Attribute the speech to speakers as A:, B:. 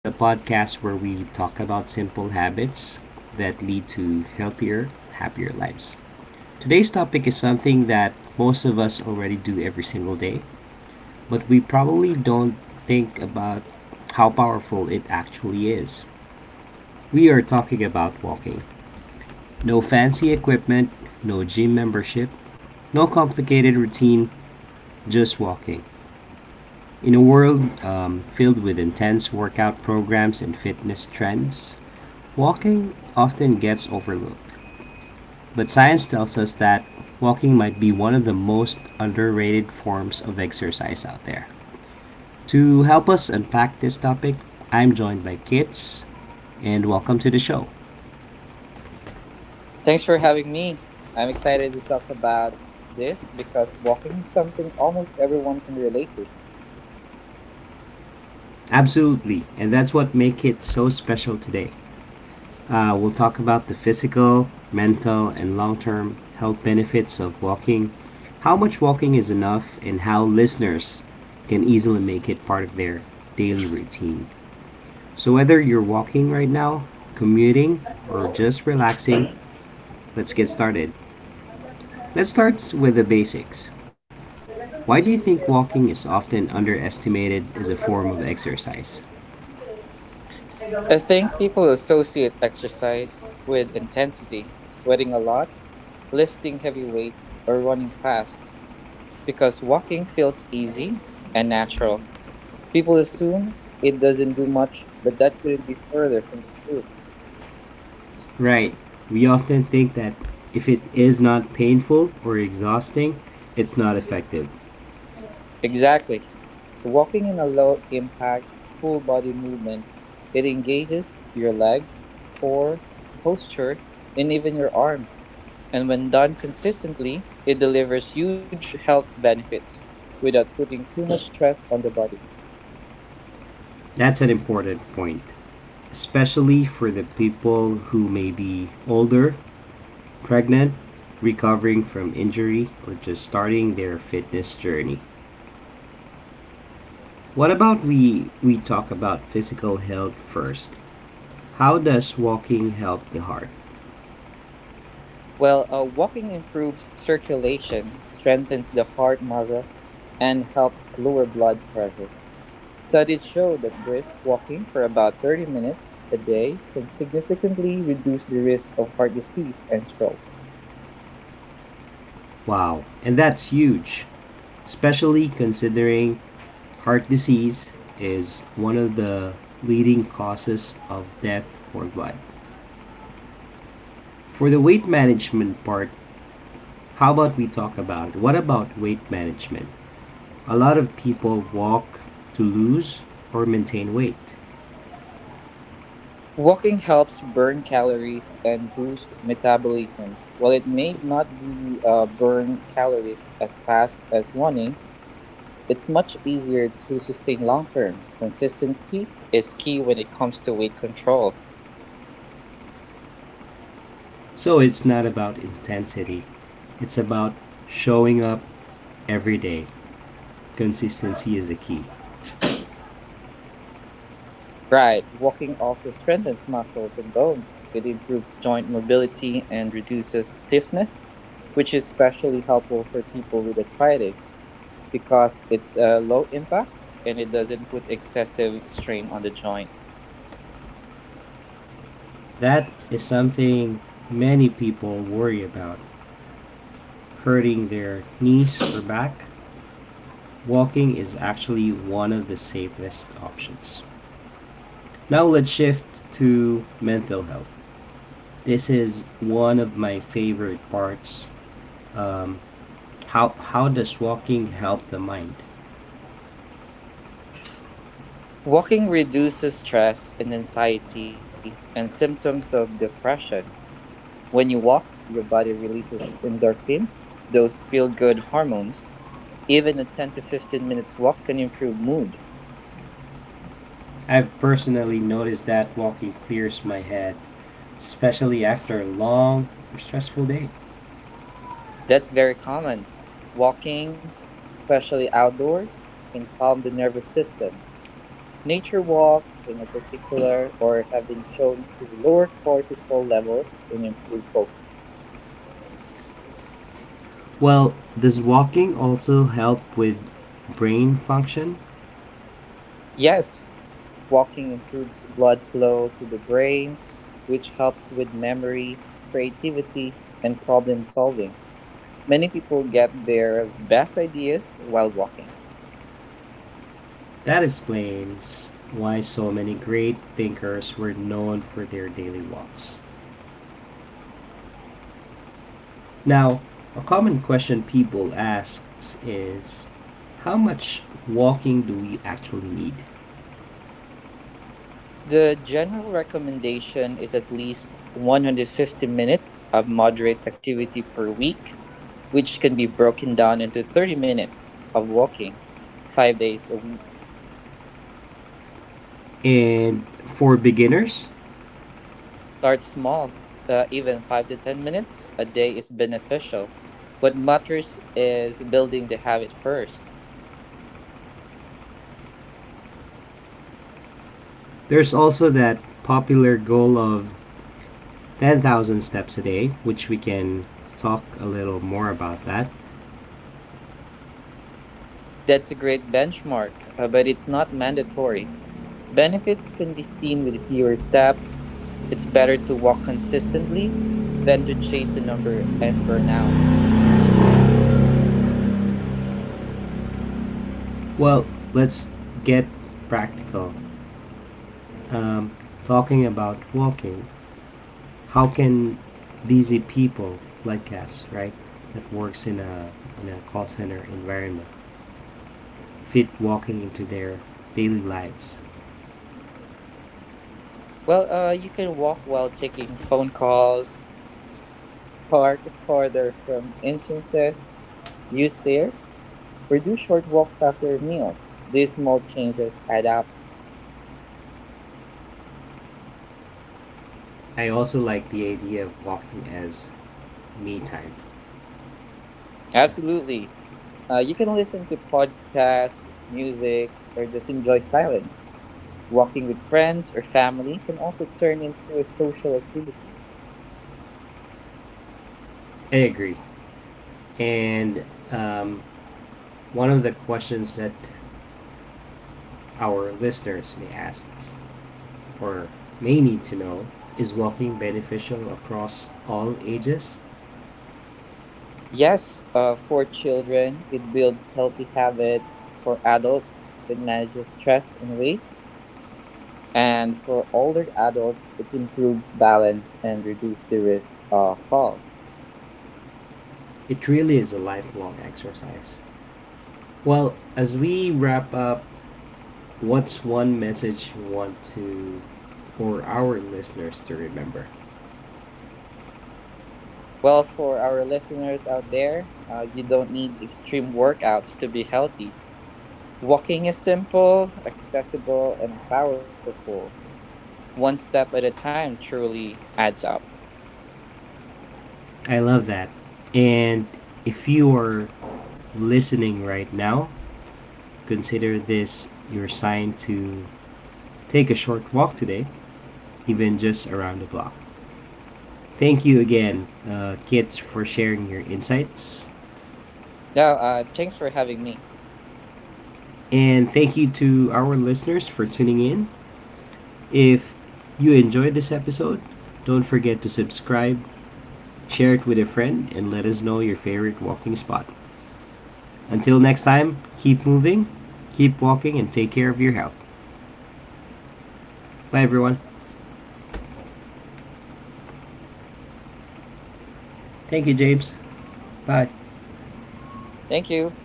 A: the podcast where we talk about simple habits that lead to healthier, happier lives. Today's topic is something that most of us already do every single day, but we probably don't think about how powerful it actually is. We are talking about walking. No fancy equipment, no gym membership, no complicated routine, just walking. In a world filled with intense workout programs and fitness trends, walking often gets overlooked. But science tells us that walking might be one of the most underrated forms of exercise out there. To help us unpack this topic, I'm joined by Kits, and welcome to the show.
B: Thanks for having me. I'm excited to talk about this because walking is something almost everyone can relate to.
A: Absolutely, and that's what makes it so special today. We'll talk about the physical, mental, and long term health benefits of walking, how much walking is enough, and how listeners can easily make it part of their daily routine. So, whether you're walking right now, commuting, or just relaxing, let's get started. Let's start with the basics. Why do you think walking is often underestimated as a form of exercise?
B: I think people associate exercise with intensity, sweating a lot, lifting heavy weights, or running fast because walking feels easy and natural. People assume it doesn't do much, but that couldn't be further from the truth.
A: Right. We often think that if it is not painful or exhausting, it's not effective.
B: Exactly. Walking in a low impact, full body movement, it engages your legs, core, posture, and even your arms. And when done consistently, it delivers huge health benefits without putting too much stress on the body.
A: That's an important point, especially for the people who may be older, pregnant, recovering from injury, or just starting their fitness journey. What about we talk about physical health first? How does walking help the heart?
B: Well, walking improves circulation, strengthens the heart muscle, and helps lower blood pressure. Studies show that brisk walking for about 30 minutes a day can significantly reduce the risk of heart disease and stroke.
A: Wow, and that's huge, especially considering heart disease is one of the leading causes of death worldwide. For the weight management part, how about we talk about it? What about weight management? A lot of people walk to lose or maintain weight.
B: Walking helps burn calories and boost metabolism. While it may not be burn calories as fast as running, it's much easier to sustain long term. Consistency is key when it comes to weight control.
A: So it's not about intensity, it's about showing up every day. Consistency is the key.
B: Right. Walking also strengthens muscles and bones. It improves joint mobility and reduces stiffness, which is especially helpful for people with arthritis because it's low impact and it doesn't put excessive strain on the joints.
A: That is something many people worry about, hurting their knees or back, walking is actually one of the safest options. Now let's shift to mental health. This is one of my favorite parts. How does walking help the mind?
B: Walking reduces stress and anxiety and symptoms of depression. When you walk, your body releases endorphins, those feel good hormones. Even a 10 to 15 minutes walk can improve mood.
A: I've personally noticed that walking clears my head, especially after a long or stressful day.
B: That's very common. Walking, especially outdoors, can calm the nervous system. Nature walks, in a particular, or have been shown to lower cortisol levels and improve focus.
A: Well, does walking also help with brain function?
B: Yes, walking improves blood flow to the brain, which helps with memory, creativity, and problem solving. Many people get their best ideas while walking.
A: That explains why so many great thinkers were known for their daily walks. Now, a common question people asks is how much walking do we actually need?
B: The general recommendation is at least 150 minutes of moderate activity per week, which can be broken down into 30 minutes of walking 5 days a week.
A: And for beginners,
B: Start small, even five to 10 minutes a day is beneficial. What matters is building the habit first.
A: there's also that popular goal of 10,000 steps a day, which we can talk a little more about that.
B: That's a great benchmark, but it's not mandatory. Benefits can be seen with fewer steps. It's better to walk consistently than to chase a number and burn out.
A: Well, let's get practical. Um, Talking about walking, how can busy people like us, right, that works in a call center environment, fit walking into their daily lives.
B: Well, you can walk while taking phone calls, park farther from entrances, use stairs, or do short walks after meals. These small changes add up.
A: I also like the idea of walking as me time. I
B: Absolutely. You can listen to podcasts, music, or just enjoy silence. Walking with friends or family can also turn into a social activity.
A: agree. And um, one of the questions that our listeners may ask or may need to know is walking beneficial across all ages?
B: Yes, for children, it builds healthy habits. For adults, it manages stress and weight. And for older adults, it improves balance and reduces the risk of falls.
A: It really is a lifelong exercise. Well, as we wrap up, what's one message you want to or our listeners to remember?
B: Well, for our listeners out there, you don't need extreme workouts to be healthy. Walking is simple, accessible, and powerful. One step at a time truly adds up.
A: I love that. And if you are listening right now, consider this your sign to take a short walk today, even just around the block. Thank you again, kids, for sharing your insights.
B: Now, thanks for having me.
A: And thank you to our listeners for tuning in. If you enjoyed this episode, don't forget to subscribe, share it with a friend, and let us know your favorite walking spot. Until next time, keep moving, keep walking, and take care of your health. Bye, everyone. Thank you, James. Bye.
B: Thank you.